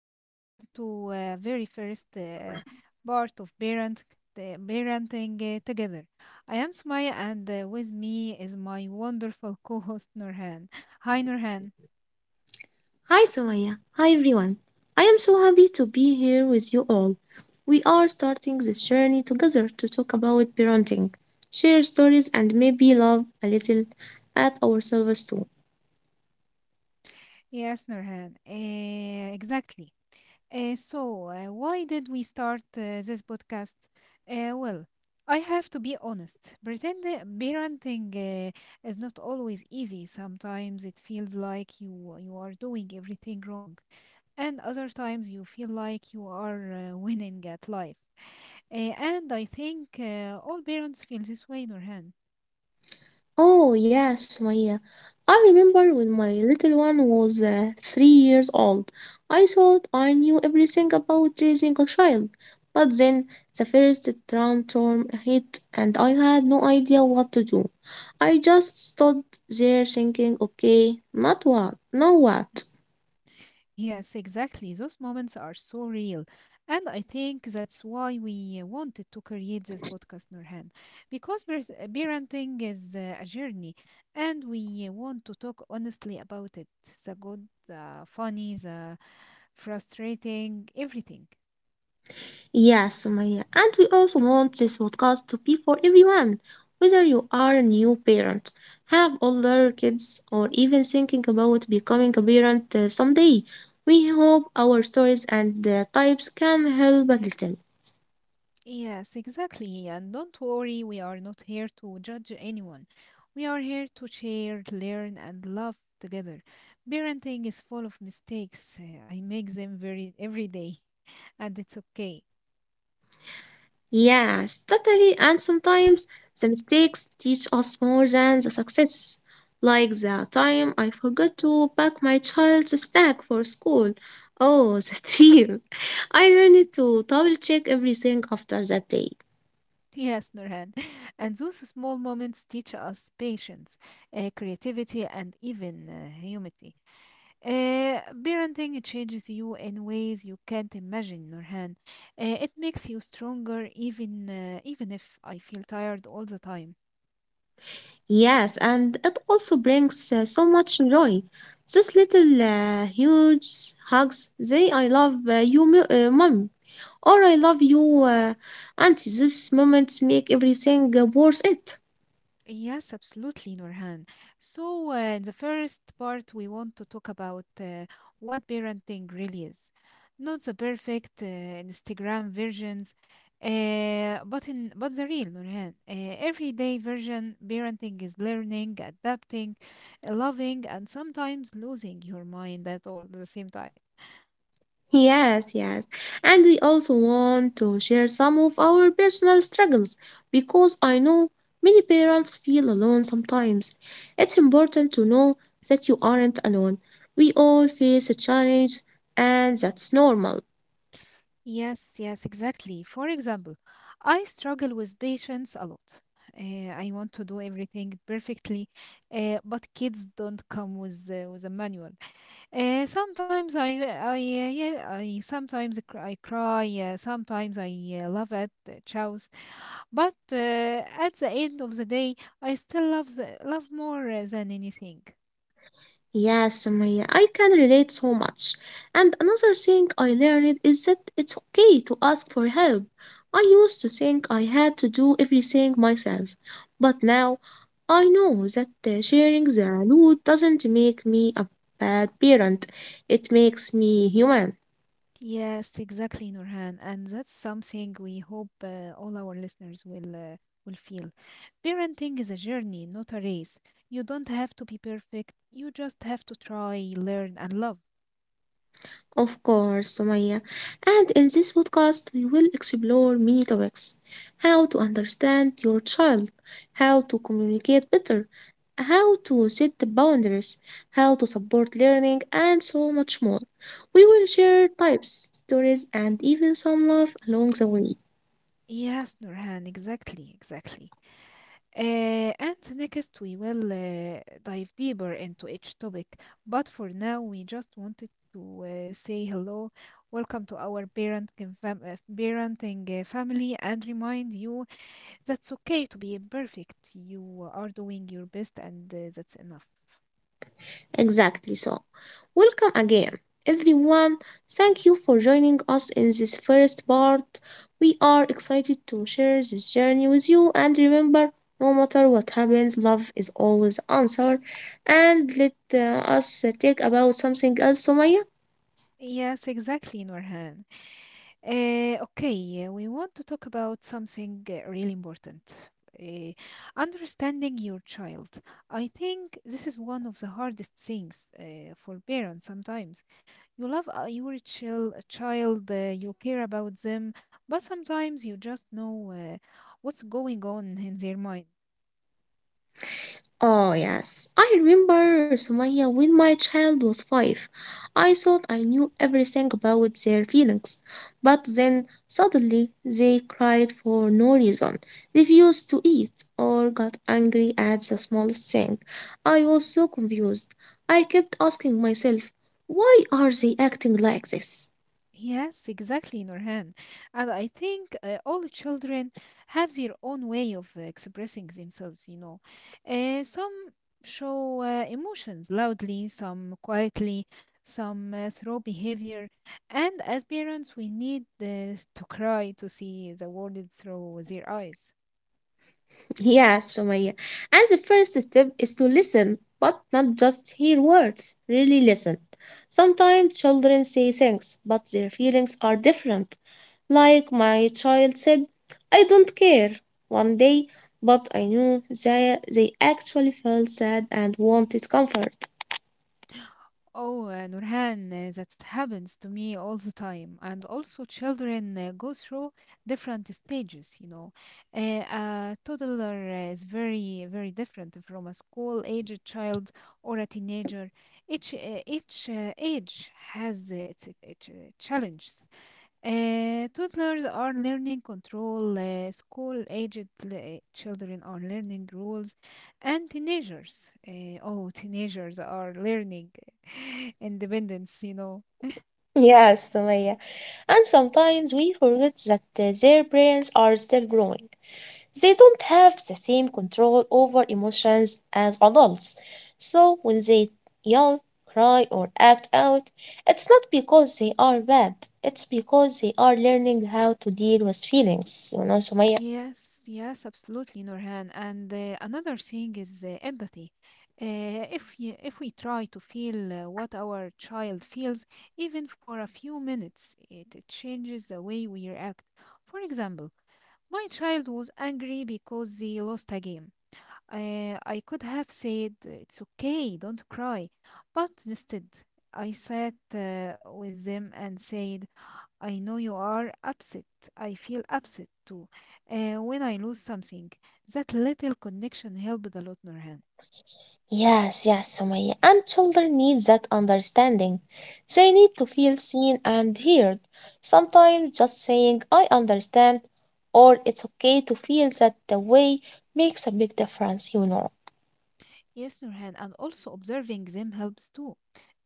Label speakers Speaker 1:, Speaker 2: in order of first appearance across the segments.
Speaker 1: and welcome to very first part of uh, parenting together. I am Sumaya, and with me is my wonderful co-host Nurhan. Hi, Nurhan.
Speaker 2: Hi Sumaya. Hi everyone. I am so happy to be here with you all. We are starting this journey together to talk about parenting, share stories, and maybe laugh a little at ourselves too.
Speaker 1: Yes, Nurhan. Exactly. So why did we start this podcast? Well, I have to be honest. Pretend parenting is not always easy. Sometimes it feels like you are doing everything wrong, and other times you feel like you are winning at life. Uh, and I think all parents feel this way, Nurhan.
Speaker 2: Oh, yes, Maya. I remember when my little one was 3 years old. I thought I knew everything about raising a child. But then the first tram storm hit and I had no idea what to do. I just stood there thinking, okay, not what, now what?
Speaker 1: Yes, exactly. Those moments are so real. And I think that's why we wanted to create this podcast, Nurhan, because parenting is a journey, and we want to talk honestly about it, the good, the funny, the frustrating, everything.
Speaker 2: Yeah, Sumaya. And we also want this podcast to be for everyone, whether you are a new parent, have older kids, or even thinking about becoming a parent someday. We hope our stories and types can help a little.
Speaker 1: Yes, exactly. And don't worry, we are not here to judge anyone. We are here to share, learn, and love together. Parenting is full of mistakes. I make them very every day, and it's okay.
Speaker 2: Yes, totally. And sometimes the mistakes teach us more than the successes. Like the time I forgot to pack my child's snack for school. Oh, the dream. I learned to double check everything after that day.
Speaker 1: Yes, Norhan. And those small moments teach us patience, creativity, and even humility. Parenting changes you in ways you can't imagine, Nurhan. It makes you stronger, even if I feel tired all the time.
Speaker 2: Yes, and it also brings so much joy. Those little huge hugs, they I love you, mom, or I love you, auntie. Those moments make everything worth it.
Speaker 1: Yes, absolutely, Nurhan. So, in the first part, we want to talk about what parenting really is. Not the perfect Instagram versions, but the real, Nurhan. Everyday version, parenting is learning, adapting, loving, and sometimes losing your mind at all at the same time.
Speaker 2: Yes, yes. And we also want to share some of our personal struggles because I know many parents feel alone sometimes. It's important to know that you aren't alone. We all face a challenge and that's normal.
Speaker 1: Yes, yes, exactly. For example, I struggle with patience a lot. I want to do everything perfectly, but kids don't come with with a manual. Sometimes I, yeah, I sometimes I cry. Sometimes I love at the chows. But at the end of the day, I still love love more than anything.
Speaker 2: Yes, Sumaya, I can relate so much. And another thing I learned is that it's okay to ask for help. I used to think I had to do everything myself, but now I know that sharing the load doesn't make me a bad parent, it makes me human.
Speaker 1: Yes, exactly, Nurhan. And that's something we hope all our listeners will feel. Parenting is a journey, not a race. You don't have to be perfect. You just have to try, learn, and love.
Speaker 2: Of course, Sumaya. And in this podcast, we will explore many topics: how to understand your child, how to communicate better, how to set the boundaries, how to support learning, and so much more. We will share types, stories, and even some love along the way.
Speaker 1: Yes, Nurhan, exactly. And next, we will dive deeper into each topic. But for now, we just wanted to say hello, welcome to our parenting family, and remind you that's okay to be imperfect. You are doing your best, and that's enough.
Speaker 2: Exactly so. Welcome again, everyone. Thank you for joining us in this first part. We are excited to share this journey with you. And remember, no matter what happens, love is always answer. And let us take about something else, Sumaya.
Speaker 1: Yes, exactly, Norhan. Okay, we want to talk about something really important. Uh, understanding your child. I think this is one of the hardest things for parents sometimes. You love child, you care about them, but sometimes you just know what's going on in their mind.
Speaker 2: Oh, yes. I remember Somalia when my child was five. I thought I knew everything about their feelings, but then suddenly they cried for no reason, refused to eat, or got angry at the smallest thing. I was so confused. I kept asking myself, why are they acting like this?
Speaker 1: Yes, exactly, Nurhan. And I think all children have their own way of expressing themselves, you know. Some show emotions loudly, some quietly, some through behavior. And as parents, we need to cry to see the world through their eyes.
Speaker 2: Yes, Sumaya. And the first step is to listen, but not just hear words, really listen. Sometimes children say things, but their feelings are different. Like my child said, I don't care one day, but I knew they actually felt sad and wanted comfort.
Speaker 1: Oh, Nurhan, that happens to me all the time. And also, children go through different stages, you know. A toddler is very, very different from a school-aged child or a teenager. Each age has its challenges. Toddlers are learning control, children are learning rules, and teenagers, teenagers are learning independence, you know.
Speaker 2: Yes, Sumaya. And sometimes we forget that their brains are still growing. They don't have the same control over emotions as adults. So when they yell, cry, or act out, it's not because they are bad. It's because they are learning how to deal with feelings, you know, Sumaya.
Speaker 1: Yes, absolutely, Norhan. And another thing is empathy. If we try to feel what our child feels, even for a few minutes, it changes the way we react. For example, my child was angry because they lost a game. I could have said, "It's okay, don't cry." But instead, I sat with them and said, "I know you are upset. I feel upset too. When I lose something," that little connection helped a lot, Nurhan.
Speaker 2: Yes, yes, Sumaya. And children need that understanding. They need to feel seen and heard. Sometimes just saying, I understand, or it's okay to feel that the way makes a big difference, you know.
Speaker 1: Yes, Nurhan, and also observing them helps too.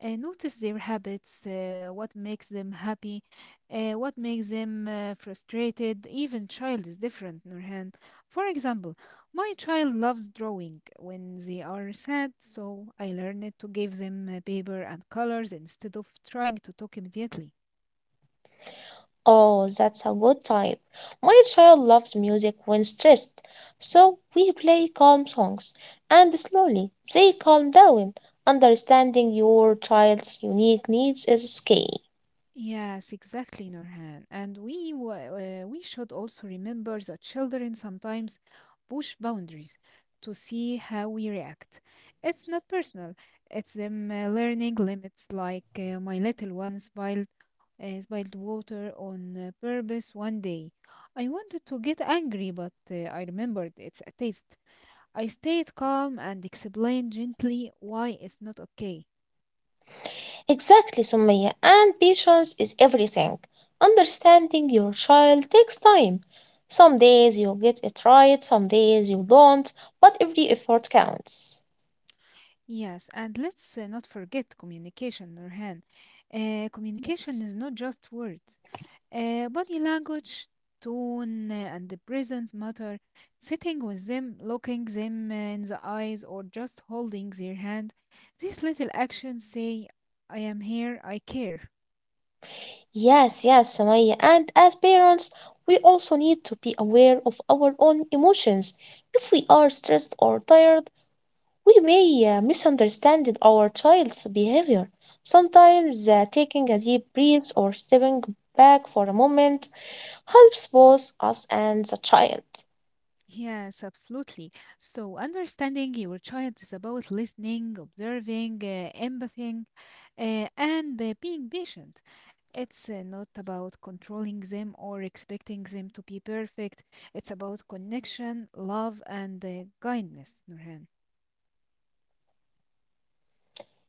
Speaker 1: Notice their habits, what makes them happy, what makes them frustrated. Even child is different, Nurhan. For example, my child loves drawing when they are sad, so I learned to give them paper and colors instead of trying to talk immediately.
Speaker 2: Oh, that's a good type. My child loves music when stressed, so we play calm songs, and slowly they calm down. Understanding your child's unique needs is key.
Speaker 1: Yes, exactly, Nurhan. And we should also remember that children sometimes push boundaries to see how we react. It's not personal. It's them learning limits, like my little one spilled water on purpose one day. I wanted to get angry, but I remembered it's a taste. I stayed calm and explained gently why it's not okay.
Speaker 2: Exactly, Sumaya. And patience is everything. Understanding your child takes time. Some days you get it right, some days you don't, but every effort counts.
Speaker 1: Yes, and let's not forget communication, Nurhan. Communication is not just words. Body language, tone, and the presence matter. Sitting with them, looking them in the eyes, or just holding their hand. These little actions say, "I am here, I care."
Speaker 2: Yes, yes, Sumaya. And as parents, we also need to be aware of our own emotions. If we are stressed or tired, we may misunderstand our child's behavior. Sometimes taking a deep breath or stepping back for a moment helps both us and the child.
Speaker 1: Yes, absolutely. So, understanding your child is about listening, observing, empathying, and being patient. It's not about controlling them or expecting them to be perfect. It's about connection, love, and kindness, Nurhan.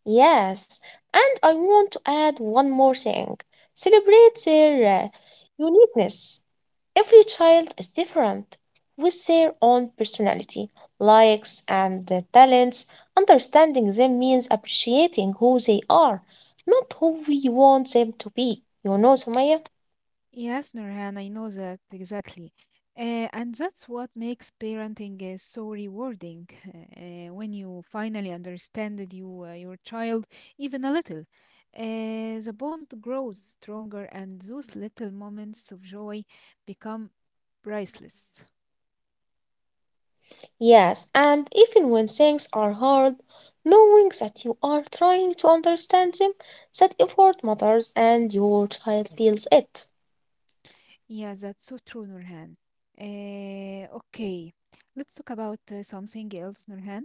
Speaker 2: Yes, and I want to add one more thing. Celebrate their
Speaker 1: Yes.
Speaker 2: uniqueness. Every child is different with their own personality, likes, and talents. Understanding them means appreciating who they are, not who we want them to be. You know, Sumaya?
Speaker 1: Yes, Nurhan, I know that exactly. And that's what makes parenting so rewarding. When you finally understand your child, even a little, the bond grows stronger, and those little moments of joy become priceless.
Speaker 2: Yes, and even when things are hard, knowing that you are trying to understand them, that effort matters and your child feels it.
Speaker 1: Yeah, that's so true, Nurhan. Okay, let's talk about something else, Nurhan.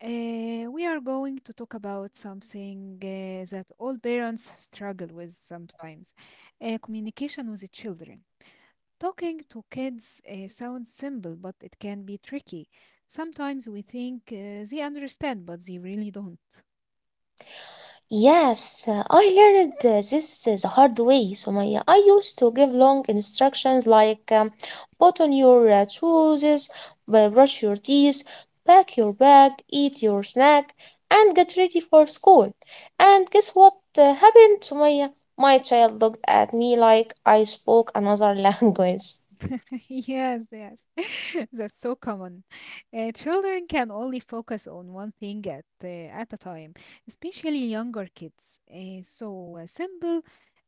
Speaker 1: We are going to talk about something that all parents struggle with sometimes, communication with the children. Talking to kids sounds simple, but it can be tricky. Sometimes we think they understand, but they really don't.
Speaker 2: Yes, I learned this the hard way. I used to give long instructions like put on your shoes, brush your teeth, pack your bag, eat your snack, and get ready for school. And guess what happened to my child looked at me like I spoke another language.
Speaker 1: Yes, yes. That's so common. Children can only focus on one thing at at a time, especially younger kids. So simple,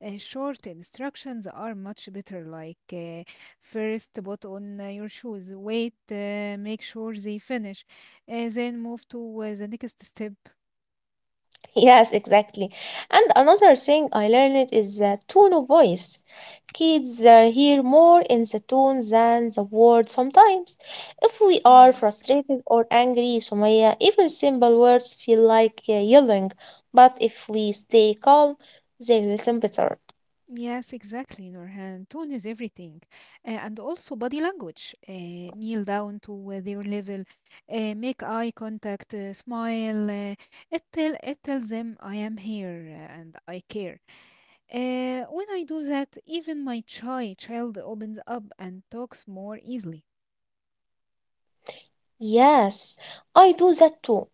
Speaker 1: short instructions are much better. Like first, put on your shoes. Wait, make sure they finish, then move to the next step.
Speaker 2: Yes, exactly. And another thing I learned is the tone of voice. Kids hear more in the tone than the words sometimes. If we are
Speaker 1: Yes.
Speaker 2: frustrated or angry, Sumaya, even simple words feel like yelling. But if we stay calm, they listen better.
Speaker 1: Yes, exactly, Nurhan. Tone is everything. And also body language. Kneel down to their level, make eye contact, smile. It tells them I am here and I care. When I do that, even my shy child opens up and talks more easily.
Speaker 2: Yes, I do that too.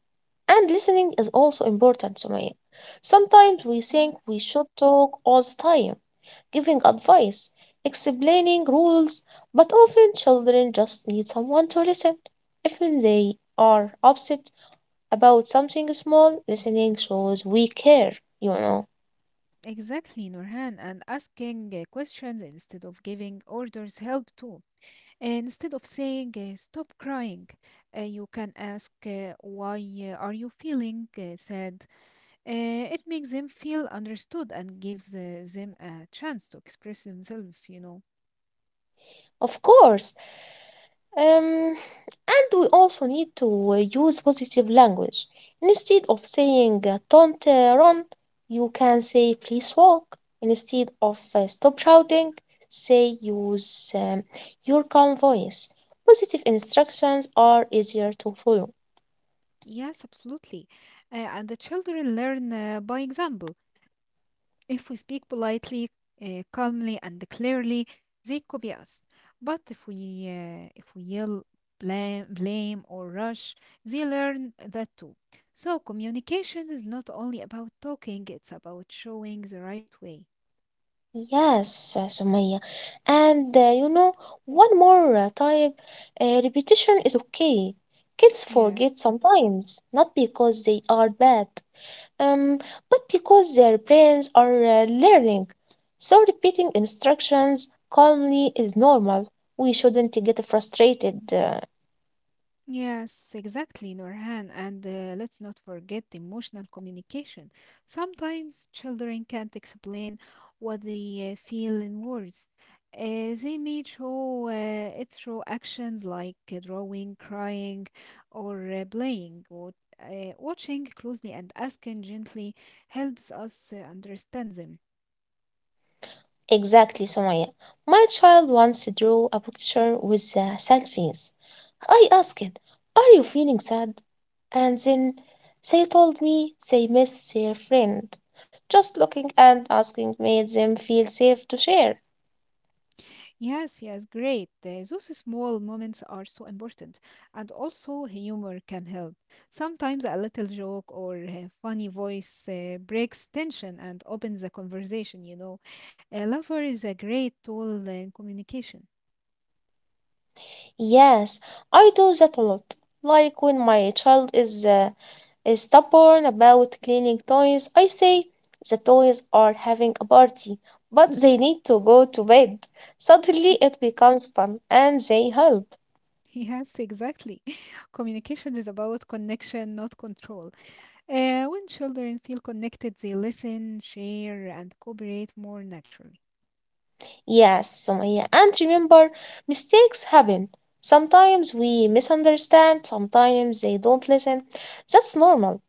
Speaker 2: And listening is also important, Sumaya. Sometimes we think we
Speaker 1: Yes.
Speaker 2: should talk all the time giving advice, explaining rules, but often children just need someone to listen. If they are upset about something small, listening shows we care, you know.
Speaker 1: Exactly, Nurhan. And asking questions instead of giving orders help too. And instead of saying, "stop crying," you can ask, "why are you feeling sad?" It makes them feel understood and gives them a chance to express themselves, you know.
Speaker 2: Of course. Um, and we also need to use positive language. Instead of saying don't run, you can say please walk. Instead of stop shouting, say use your calm voice. Positive instructions are easier to follow.
Speaker 1: Yes, absolutely. And the children learn by example. If we speak politely, calmly, and clearly, they copy us. But if we yell, blame, or rush, they learn that too. So communication is not only about talking; it's about showing the right way.
Speaker 2: Yes, Sumaya. And you know, one more type: repetition is okay. Kids forget
Speaker 1: Yes.
Speaker 2: sometimes, not because they are bad, um, but because their brains are learning. So repeating instructions calmly is normal. We shouldn't get frustrated.
Speaker 1: Yes, exactly, Norhan. And let's not forget emotional communication. Sometimes children can't explain what they feel in words. They may show it through actions like drawing, crying, or playing. Watching closely and asking gently helps us understand them.
Speaker 2: Exactly, Sumaya. My child once drew a picture with selfies. I asked, are you feeling sad? And then they told me they miss their friend. Just looking and asking made them feel safe to share.
Speaker 1: Yes, yes, great. Those small moments are so important. And also, humor can help. Sometimes a little joke or a funny voice breaks tension and opens the conversation, you know. A lover is a great tool in communication.
Speaker 2: Yes, I do that a lot. Like when my child is, stubborn about cleaning toys, I say, the toys are having a party, but they need to go to bed. Suddenly it becomes fun and they help.
Speaker 1: Yes, exactly. Communication is about connection, not control. When children feel connected, they listen, share, and cooperate more naturally.
Speaker 2: Yes, Sumaya. And remember, mistakes happen. Sometimes we misunderstand, sometimes they don't listen. That's normal.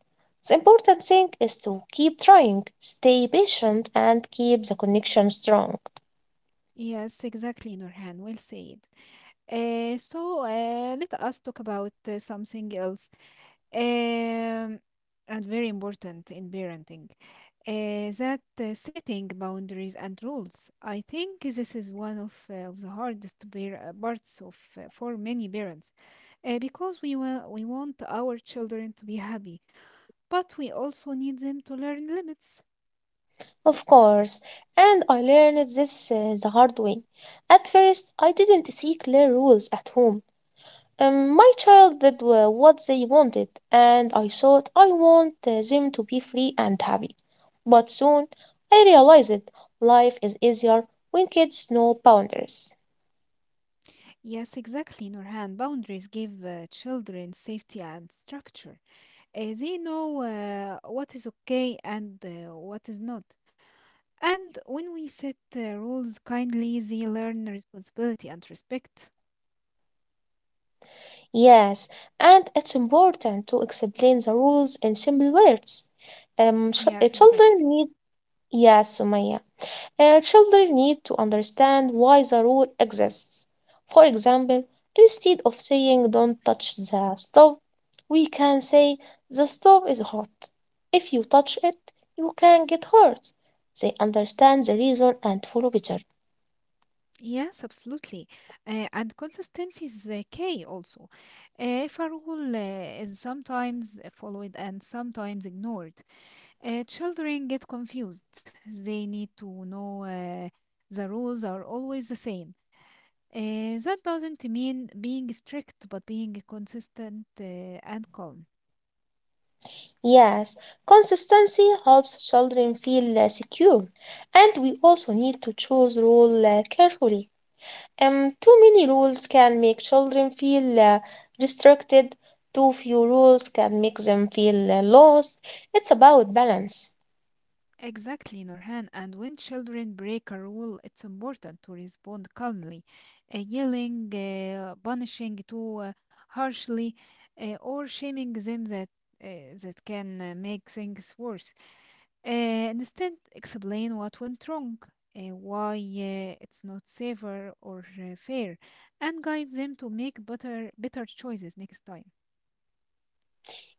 Speaker 2: The important thing is to keep trying, stay patient, and keep the connection strong.
Speaker 1: Yes, exactly, Nurhan. Well said. So let us talk about something else, um, and very important in parenting, that setting boundaries and rules. I think this is one of the hardest parts of for many parents, we want our children to be happy, but we also need them to learn limits.
Speaker 2: Of course, and I learned this the hard way. At first, I didn't see clear rules at home. My child did what they wanted, and I thought I want them to be free and happy. But soon I realized it. Life is easier when kids know boundaries.
Speaker 1: Yes, exactly, Nurhan. Boundaries give children safety and structure. They know what is okay and what is not. And when we set rules kindly, they learn responsibility and respect.
Speaker 2: Yes, and it's important to explain the rules in simple words.
Speaker 1: Yes,
Speaker 2: Children
Speaker 1: exactly.
Speaker 2: need, yes, Sumaya. Children need to understand why the rule exists. For example, instead of saying don't touch the stove, we can say the stove is hot. If you touch it, you can get hurt. They understand the reason and follow better.
Speaker 1: Yes, absolutely. And consistency is key also. If a rule is sometimes followed and sometimes ignored, children get confused. They need to know the rules are always the same. That doesn't mean being strict, but being consistent and calm.
Speaker 2: Yes, consistency helps children feel secure, and we also need to choose rule carefully. Too many rules can make children feel restricted. Too few rules can make them feel lost. It's about balance.
Speaker 1: Exactly, Norhan. And when children break a rule, it's important to respond calmly. Yelling, punishing too harshly, or shaming them, that can make things worse. Instead, explain what went wrong, why it's not safer or fair, and guide them to make better choices next time.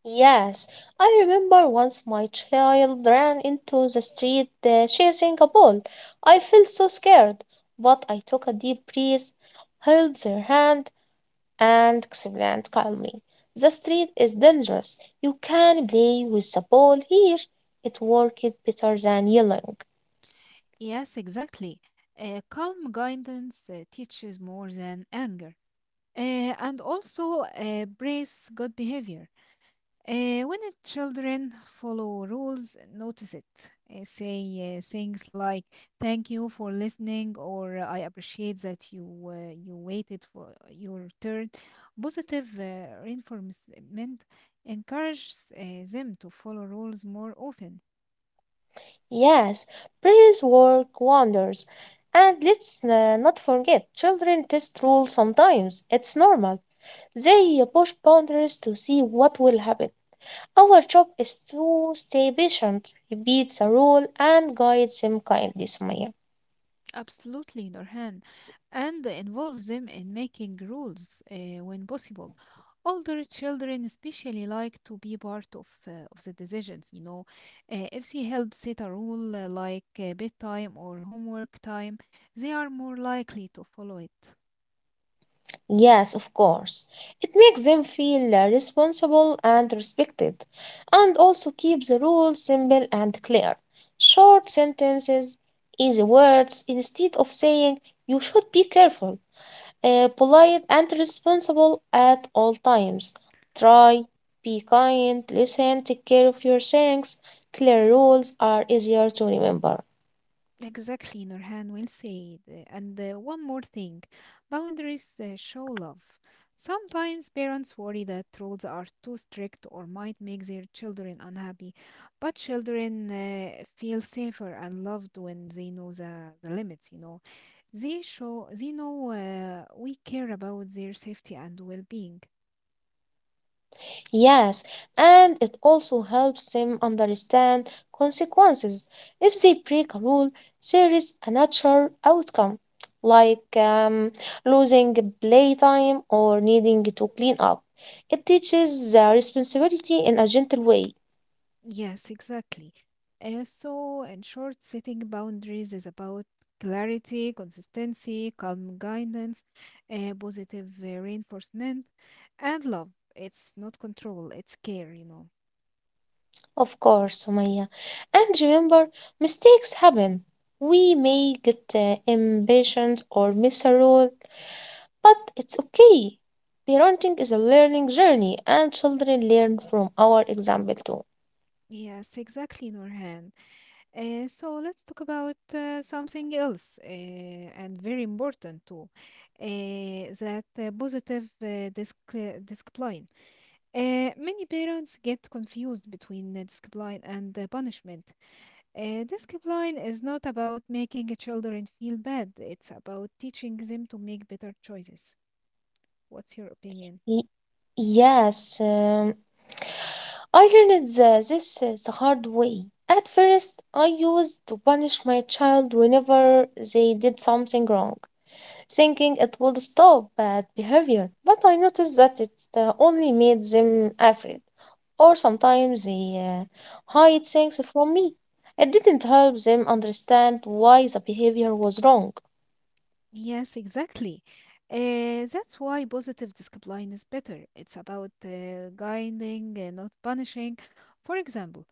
Speaker 2: Yes, I remember once my child ran into the street chasing a ball. I felt so scared, but I took a deep breath, held their hand, and explained calmly. The street is dangerous. You can play with the ball here. It worked better than yelling.
Speaker 1: Yes, exactly. Calm guidance teaches more than anger. And also brace good behavior. When the children follow rules, notice it. Say things like "Thank you for listening" or "I appreciate that you waited for your turn." Positive reinforcement encourages them to follow rules more often.
Speaker 2: Yes, praise work wonders. And let's not forget, children test rules sometimes. It's normal. They push boundaries to see what will happen. Our job is to stay patient, repeat the rule, and guide them kindly, Sumaya.
Speaker 1: Absolutely, Norhan, and involve them in making rules when possible. Older children especially like to be part of the decisions, you know. If they help set a rule like bedtime or homework time, they are more likely to follow it.
Speaker 2: Yes, of course. It makes them feel responsible and respected, and also keeps the rules simple and clear. Short sentences, easy words, instead of saying you should be careful, polite and responsible at all times. Try, be kind, listen, take care of your things. Clear rules are easier to remember.
Speaker 1: Exactly, Nurhan, well said. And one more thing, boundaries show love. Sometimes parents worry that rules are too strict or might make their children unhappy, but children feel safer and loved when they know the limits, you know. They show they know we care about their safety and well-being.
Speaker 2: Yes, and it also helps them understand consequences. If they break a rule, there is a natural outcome, like losing playtime or needing to clean up. It teaches responsibility in a gentle way,
Speaker 1: Yes, exactly. So, in short, setting boundaries is about clarity, consistency, calm guidance, positive reinforcement, and love. It's not control, it's care, you know.
Speaker 2: of course, Sumaya. And remember, mistakes happen. We may get impatient or miss a rule, but it's okay. Parenting is a learning journey, and children learn from our example too.
Speaker 1: Yes, exactly, Norhan. So, let's talk about something else, and very important too, uh, that positive discipline. Many parents get confused between discipline and punishment. Discipline is not about making children feel bad, it's about teaching them to make better choices. What's your opinion?
Speaker 2: Y- yes, I learned this the hard way. At first, I used to punish my child whenever they did something wrong, thinking it would stop bad behavior, but I noticed that it only made them afraid, or sometimes they hide things from me. It didn't help them understand why the behavior was wrong.
Speaker 1: Yes, exactly. That's why positive discipline is better. It's about guiding and not punishing. For example,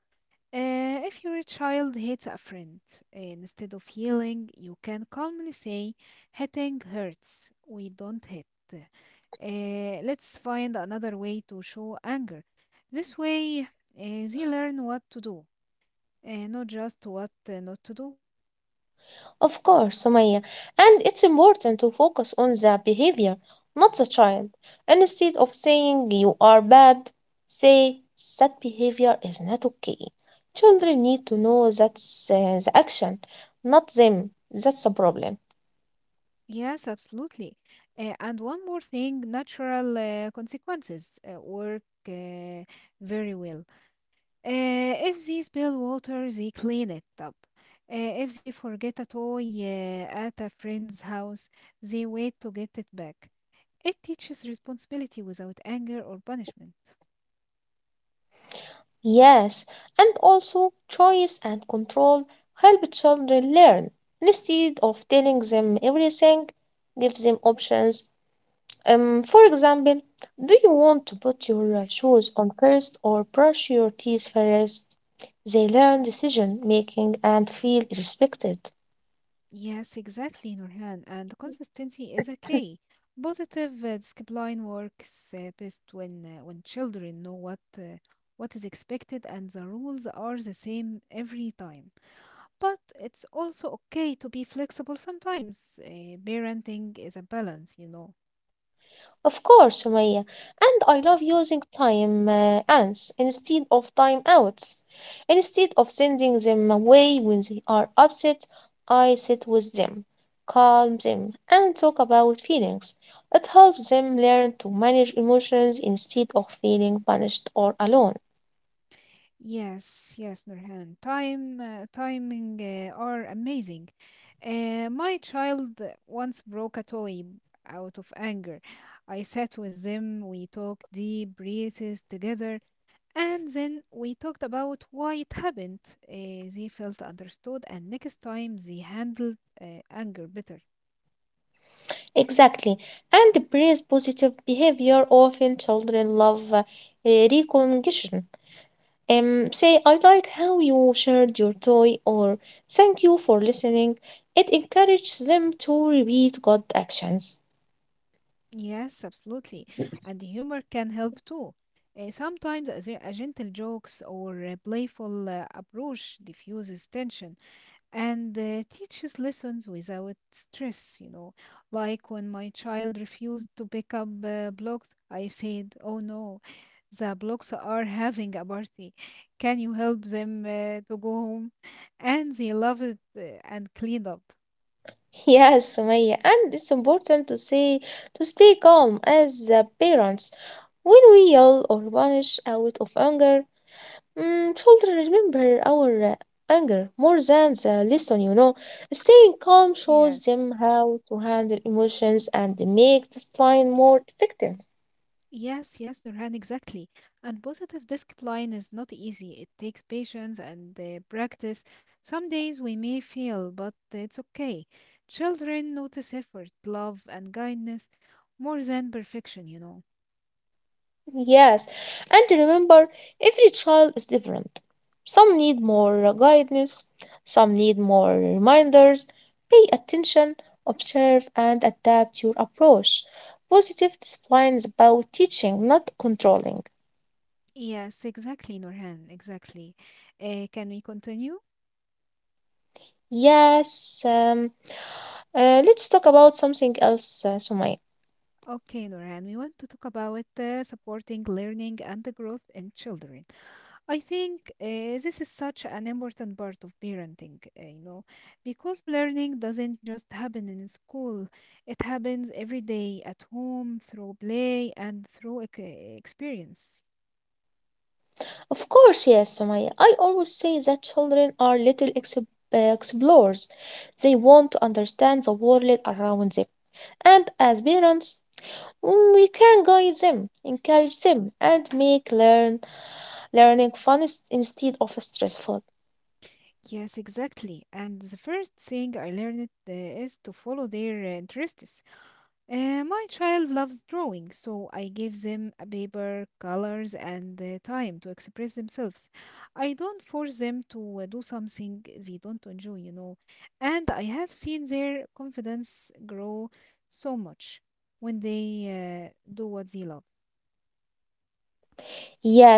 Speaker 1: If your child hits a friend, instead of yelling, you can calmly say, "Hitting hurts. We don't hit. Let's find another way to show anger." This way, they learn what to do, not just what not to do.
Speaker 2: Of course, Sumaya, and it's important to focus on the behavior, not the child. Instead of saying you are bad, say that behavior is not okay. Children need to know that's the action, not them. That's the problem.
Speaker 1: Yes, absolutely. And one more thing, natural consequences work uh, very well. If they spill water, they clean it up. If they forget a toy at a friend's house, they wait to get it back. It teaches responsibility without anger or punishment.
Speaker 2: Yes, and also choice and control help children learn. Instead of telling them everything, give them options. For example, do you want to put your shoes on first or brush your teeth first? They learn decision making and feel respected.
Speaker 1: Yes, exactly, Nurhan. And consistency is a key. Positive discipline works best when children know what is expected and the rules are the same every time. But it's also okay to be flexible sometimes. Parenting is a balance, you know.
Speaker 2: Of course, Sumaya, and I love using time ants instead of time outs. Instead of sending them away when they are upset, I sit with them, calm them, and talk about feelings. It helps them learn to manage emotions instead of feeling punished or alone.
Speaker 1: Yes, yes, Nurhan. Timing are amazing. My child once broke a toy out of anger. I sat with them, we took deep breaths together, and then we talked about why it happened. They felt understood, and next time they handled anger better.
Speaker 2: Exactly, and praise positive behavior. Often children love recognition. Say, I like how you shared your toy, or thank you for listening. It encourages them to repeat good actions.
Speaker 1: Yes, absolutely. And humor can help too. Sometimes a gentle jokes or a playful approach diffuses tension and teaches lessons without stress, you know. Like when my child refused to pick up blocks, I said, "Oh no, the blocks are having a party. Can you help them to go home?" And they loved it and cleaned up.
Speaker 2: Yes, Sumaya, and it's important to say to stay calm as the parents. When we yell or punish out of anger, children remember our anger more than the lesson, you know. Staying calm shows them
Speaker 1: Yes.
Speaker 2: how to handle emotions and make discipline more effective.
Speaker 1: Yes, yes, Nurhan, exactly. And positive discipline is not easy. It takes patience and practice. Some days we may fail, but it's okay. Children notice effort, love, and kindness more than perfection, you know.
Speaker 2: Yes, and remember, every child is different. Some need more guidance, some need more reminders. Pay attention, observe, and adapt your approach. Positive discipline is about teaching, not controlling.
Speaker 1: Yes, exactly, Nurhan, exactly. Can we continue?
Speaker 2: Yes, um, let's talk about something else, Sumaya.
Speaker 1: Okay, Nurhan, we want to talk about supporting learning and the growth in children. I think this is such an important part of parenting, you know, because learning doesn't just happen in school. It happens every day at home, through play, and through experience.
Speaker 2: Of course, yes, Sumaya. I always say that children are little explorers. They want to understand the world around them. And as parents, we can guide them, encourage them, and make learning fun instead of stressful.
Speaker 1: Yes, exactly. And the first thing I learned is to follow their interests. My child loves drawing, so I give them a paper, colors, and time to express themselves. I don't force them to do something they don't enjoy, you know. And I have seen their confidence grow so much when they do what they love.
Speaker 2: Yes, Sumaya.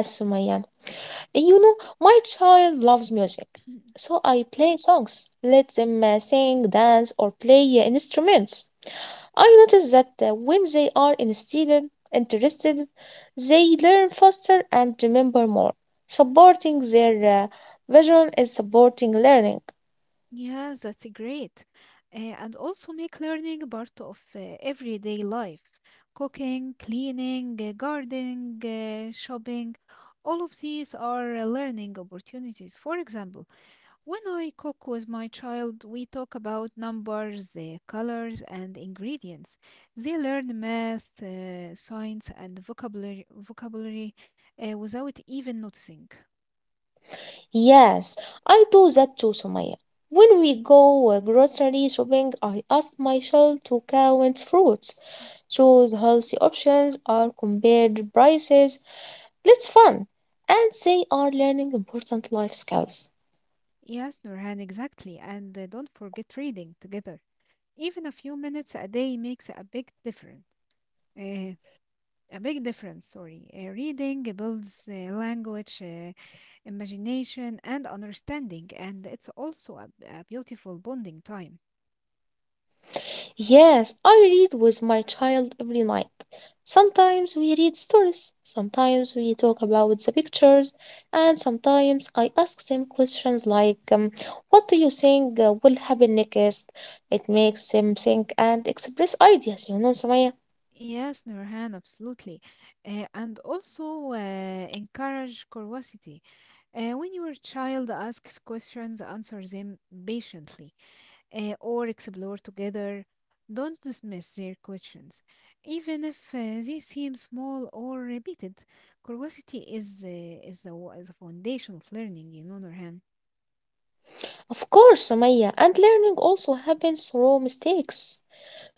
Speaker 2: You know, my child loves music, so I play songs, let them sing, dance, or play instruments. I notice that when they are instead interested, they learn faster and remember more. Supporting their vision is supporting learning.
Speaker 1: Yes, that's great. And also make learning part of everyday life. Cooking, cleaning, gardening, shopping, all of these are learning opportunities. For example, when I cook with my child, we talk about numbers, colors, and ingredients. They learn math, science, and vocabulary without even noticing.
Speaker 2: Yes, I do that too, Sumaya. When we go grocery shopping, I ask myself to count fruits, choose healthy options, or compare the prices. It's fun, and they are learning important life skills.
Speaker 1: Yes, Nurhan, exactly. And don't forget reading together. Even a few minutes a day makes a big difference. Uh, sorry. Reading builds language, imagination, and understanding, and it's also a beautiful bonding time.
Speaker 2: Yes, I read with my child every night. Sometimes we read stories, sometimes we talk about the pictures, and sometimes I ask them questions like, what do you think will happen next? It makes them think and express ideas, you know, Samaya.
Speaker 1: Yes, Nurhan, absolutely. And also encourage curiosity. When your child asks questions, answer them patiently, or explore together. Don't dismiss their questions. Even if they seem small or repeated, curiosity is the foundation of learning, you know, Nurhan.
Speaker 2: Of course, Samaya, and learning also happens through mistakes.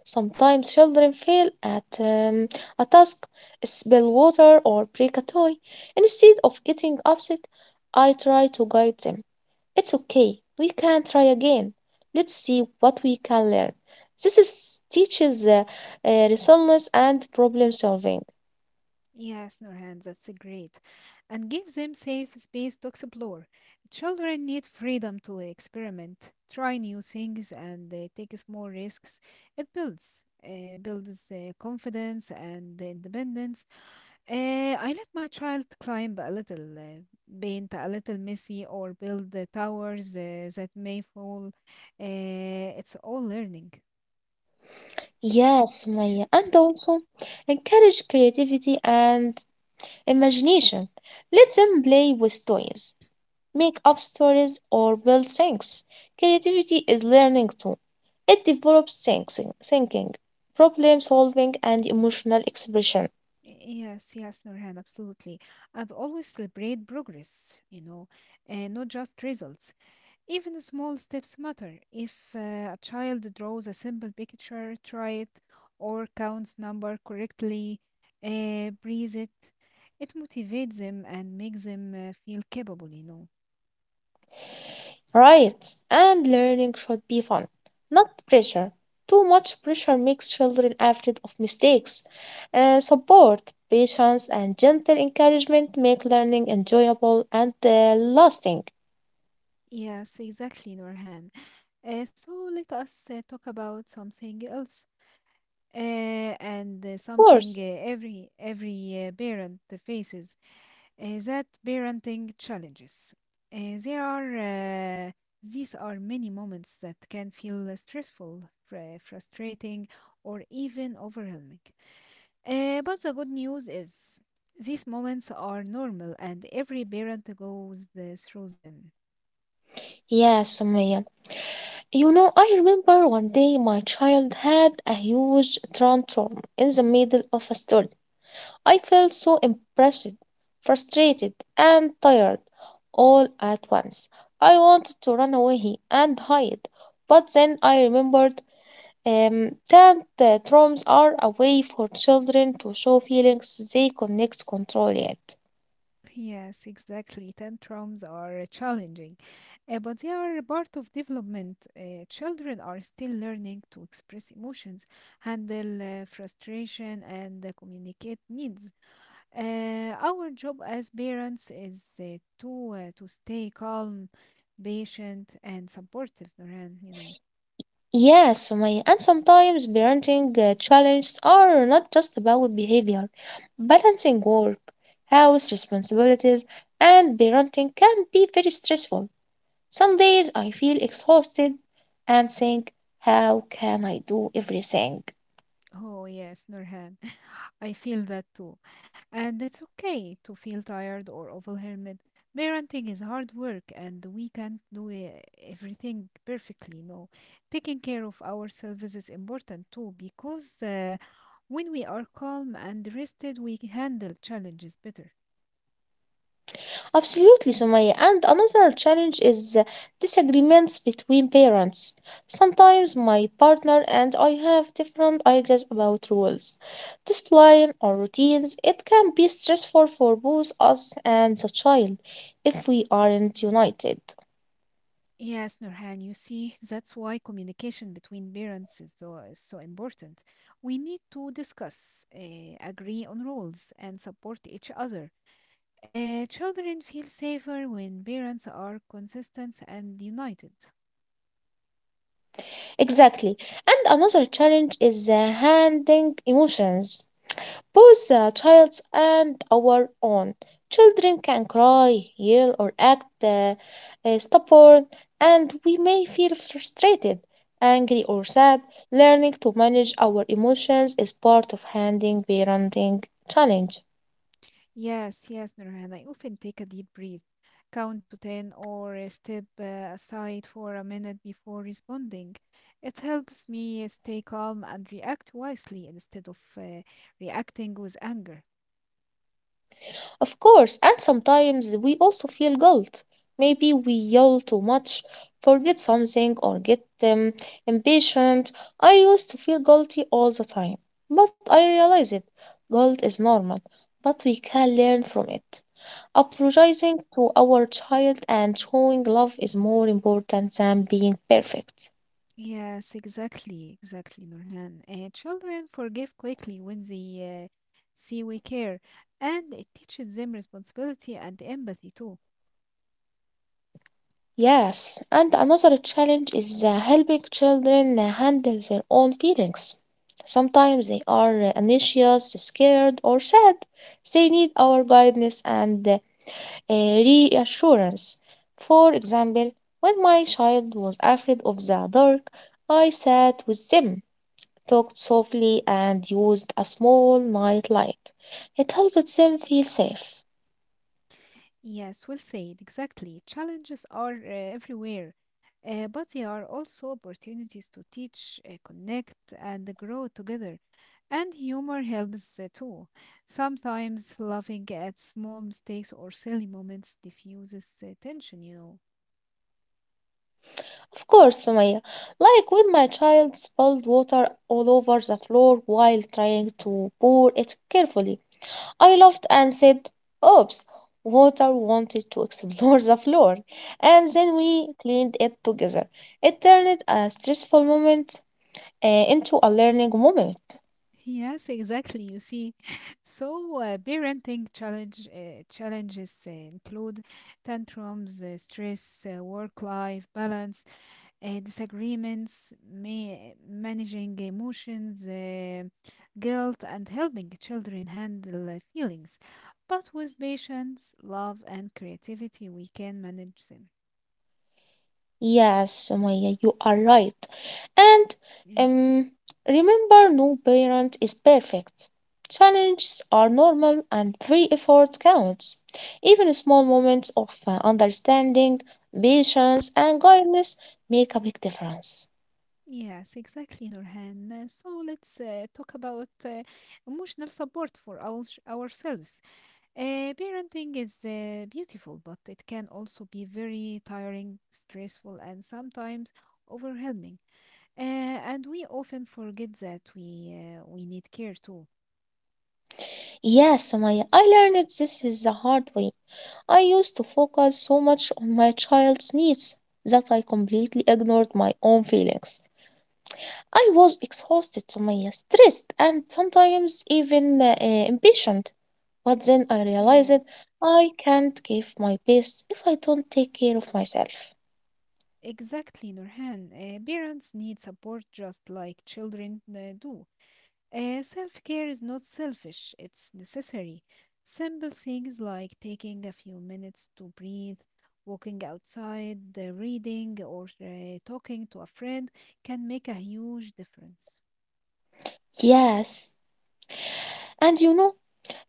Speaker 2: Sometimes children fail at a task, spill water, or break a toy. Instead of getting upset, I try to guide them. It's okay, we can try again. Let's see what we can learn. This teaches resilience and problem solving.
Speaker 1: Yes, Nurhan, that's great. And give them safe space to explore. Children need freedom to experiment, try new things, and take small risks. It builds confidence and independence. I let my child climb a little, paint a little messy, or build the towers that may fall. Uh, it's all learning.
Speaker 2: Yes, Sumaya, and also encourage creativity and imagination. Let them play with toys, make up stories, or build things. Creativity is learning too. It develops thinking, problem solving, and emotional expression.
Speaker 1: Yes, yes, Nurhan, absolutely. And always celebrate progress, you know, and not just results. Even small steps matter. If a child draws a simple picture, try it, or counts number correctly, breathe it, it motivates them and makes them feel capable, you know.
Speaker 2: Right, and learning should be fun, not pressure. Too much pressure makes children afraid of mistakes. Support, patience, and gentle encouragement make learning enjoyable and lasting.
Speaker 1: Yes, exactly, Nurhan. So let us talk about something else. And
Speaker 2: Of
Speaker 1: something
Speaker 2: course.
Speaker 1: every parent faces, that parenting challenges. There are uh, these are many moments that can feel stressful, frustrating, or even overwhelming. But the good news is these moments are normal, and every parent goes through them.
Speaker 2: Yes, Sumaya. You know, I remember one day my child had a huge tantrum in the middle of a story. I felt so impressed, frustrated, and tired all at once. I wanted to run away and hide, but then I remembered that tantrums are a way for children to show feelings they cannot control yet.
Speaker 1: Yes, exactly. Tantrums are challenging, but they are a part of development. Children are still learning to express emotions, handle frustration, and communicate needs. Our job as parents is to stay calm, patient, and supportive, Nurhan, you know.
Speaker 2: Yes, and sometimes parenting challenges are not just about behavior. Balancing work, house responsibilities, and parenting can be very stressful. Some days I feel exhausted and think, how can I do everything?
Speaker 1: Oh, yes, Nurhan. I feel that too. And it's okay to feel tired or overwhelmed. Parenting is hard work and we can't do everything perfectly. No, taking care of ourselves is important too because when we are calm and rested, we can handle challenges better.
Speaker 2: Absolutely, Sumaya. And another challenge is disagreements between parents. Sometimes my partner and I have different ideas about rules, discipline, or routines. It can be stressful for both us and the child if we aren't united.
Speaker 1: Yes, Nurhan, you see, that's why communication between parents is so important. We need to discuss, agree on roles, and support each other. Children feel safer when parents are consistent and united.
Speaker 2: Exactly. And another challenge is handling emotions, both the child's and our own. Children can cry, yell, or act stubborn, and we may feel frustrated, angry, or sad. Learning to manage our emotions is part of handling parenting challenge.
Speaker 1: Yes, yes, Nurhan. I often take a deep breath, count to 10, or step aside for a minute before responding. It helps me stay calm and react wisely instead of reacting with anger.
Speaker 2: Of course, and sometimes we also feel guilt. Maybe we yell too much, forget something, or get impatient. I used to feel guilty all the time, but I realize it. Guilt is normal, but we can learn from it. Apologizing to our child and showing love is more important than being perfect.
Speaker 1: Yes, exactly, exactly, Nurhan. Children forgive quickly when they see we care, and it teaches them responsibility and empathy too.
Speaker 2: Yes, and another challenge is helping children handle their own feelings. Sometimes they are anxious, scared, or sad. They need our guidance and reassurance. For example, when my child was afraid of the dark, I sat with them, talked softly, and used a small night light. It helped them feel safe.
Speaker 1: Yes, well said, exactly. Challenges are everywhere, but they are also opportunities to teach, connect, and grow together. And humor helps too. Sometimes laughing at small mistakes or silly moments diffuses tension, you know.
Speaker 2: Of course, Sumaya. Like when my child spilled water all over the floor while trying to pour it carefully. I laughed and said, "Oops, water wanted to explore the floor." And then we cleaned it together. It turned a stressful moment into a learning moment.
Speaker 1: Yes, exactly. You see, so parenting challenges include tantrums, stress, work-life balance, disagreements, managing emotions, guilt, and helping children handle feelings. But with patience, love, and creativity, we can manage them.
Speaker 2: Yes, Sumaya, you are right. And
Speaker 1: Yeah.
Speaker 2: um, remember, no parent is perfect. Challenges are normal and every effort counts. Even small moments of understanding, patience, and guidance make a big difference.
Speaker 1: Yes, exactly, Nurhan. So let's talk about emotional support for ourselves. Parenting is beautiful, but it can also be very tiring, stressful, and sometimes overwhelming. Uh, and we often forget that we need care too.
Speaker 2: Yes, Sumaya, I learned this is the hard way. I used to focus so much on my child's needs that I completely ignored my own feelings. I was exhausted, Sumaya, stressed, and sometimes even impatient. But then I realized
Speaker 1: Yes,
Speaker 2: I can't give my best if I don't take care of myself.
Speaker 1: exactly, Nurhan. Parents need support just like children do. Self care is not selfish, it's necessary. Simple things like taking a few minutes to breathe, walking outside, reading, or talking to a friend can make a huge difference.
Speaker 2: Yes, and you know,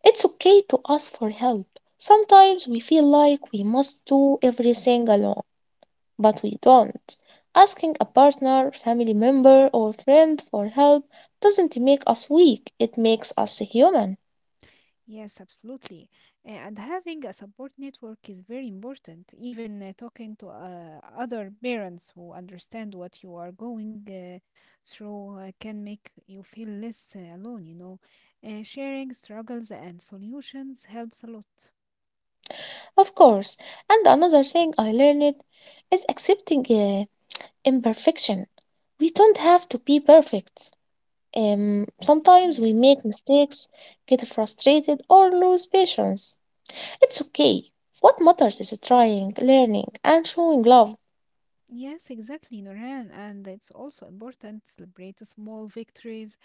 Speaker 2: it's okay to ask for help. Sometimes we feel like we must do everything alone, but we don't. Asking a partner, family member, or friend for help doesn't make us weak, it makes us human.
Speaker 1: Yes, absolutely. And having a support network is very important. Even talking to other parents who understand what you are going through can make you feel less alone, you know. Sharing struggles and solutions helps a lot.
Speaker 2: Of course. And another thing I learned is accepting imperfection. We don't have to be perfect. Sometimes we
Speaker 1: Yes.
Speaker 2: make mistakes, get frustrated, or lose patience. It's okay. What matters is trying, learning, and showing love.
Speaker 1: Yes, exactly, Noran. And it's also important to celebrate the small victories.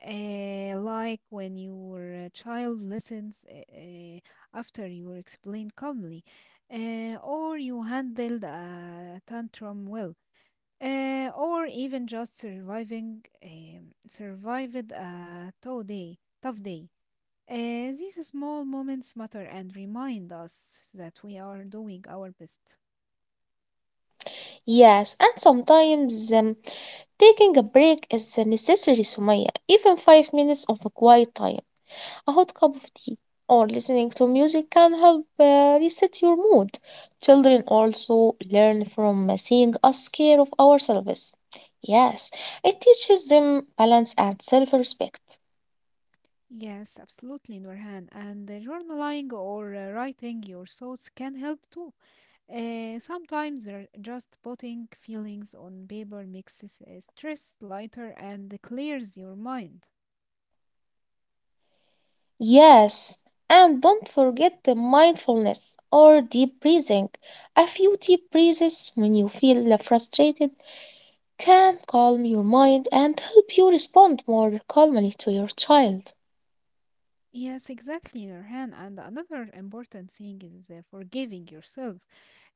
Speaker 1: Like when your child listens after you explain calmly, or you handled a tantrum well, or even just surviving survived a tough day. Tough day. Uh, these small moments matter and remind us that we are doing our best.
Speaker 2: Yes, and sometimes taking a break is necessary, Sumaya, even 5 minutes of a quiet time. A hot cup of tea or listening to music can help reset your mood. Children also learn from seeing us care of ourselves. Yes, it teaches them balance and self respect.
Speaker 1: Yes, absolutely, Nurhan. And journaling or writing your thoughts can help too. Sometimes they're just putting feelings on paper makes stress lighter and clears your mind.
Speaker 2: Yes, and don't forget the mindfulness or deep breathing. A few deep breaths when you feel frustrated can calm your mind and help you respond more calmly to your child.
Speaker 1: Yes, exactly, Nurhan. And another important thing is forgiving yourself.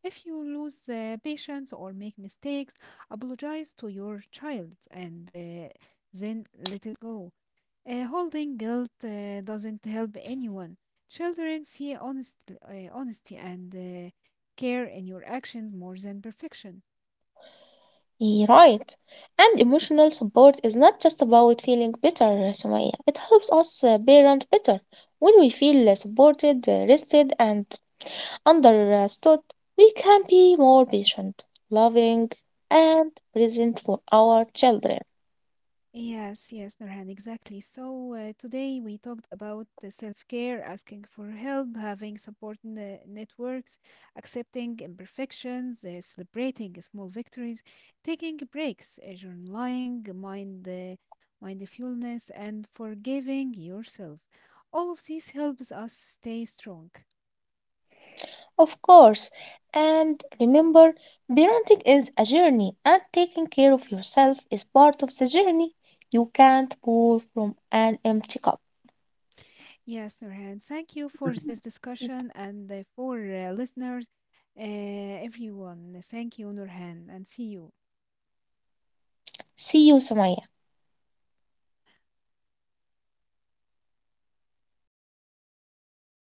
Speaker 1: If you lose patience or make mistakes, apologize to your child and then let it go. Holding guilt doesn't help anyone. Children see honesty and care in your actions more than perfection.
Speaker 2: Yeah, right. And emotional support is not just about feeling better, Sumaya. It helps us parent better. When we feel supported, rested, and understood, we can be more patient, loving, and present for our children.
Speaker 1: Yes, yes, Nurhan, exactly. So today we talked about the self-care, asking for help, having support networks, accepting imperfections, celebrating small victories, taking breaks, journaling, mindfulness, and forgiving yourself. All of these helps us stay strong.
Speaker 2: Of course. And remember, parenting is a journey, and taking care of yourself is part of the journey. You can't pour from an empty cup.
Speaker 1: Yes, Nurhan, thank you for this discussion and for listeners, everyone. Thank you, Nurhan, and see you.
Speaker 2: See you, Sumaya.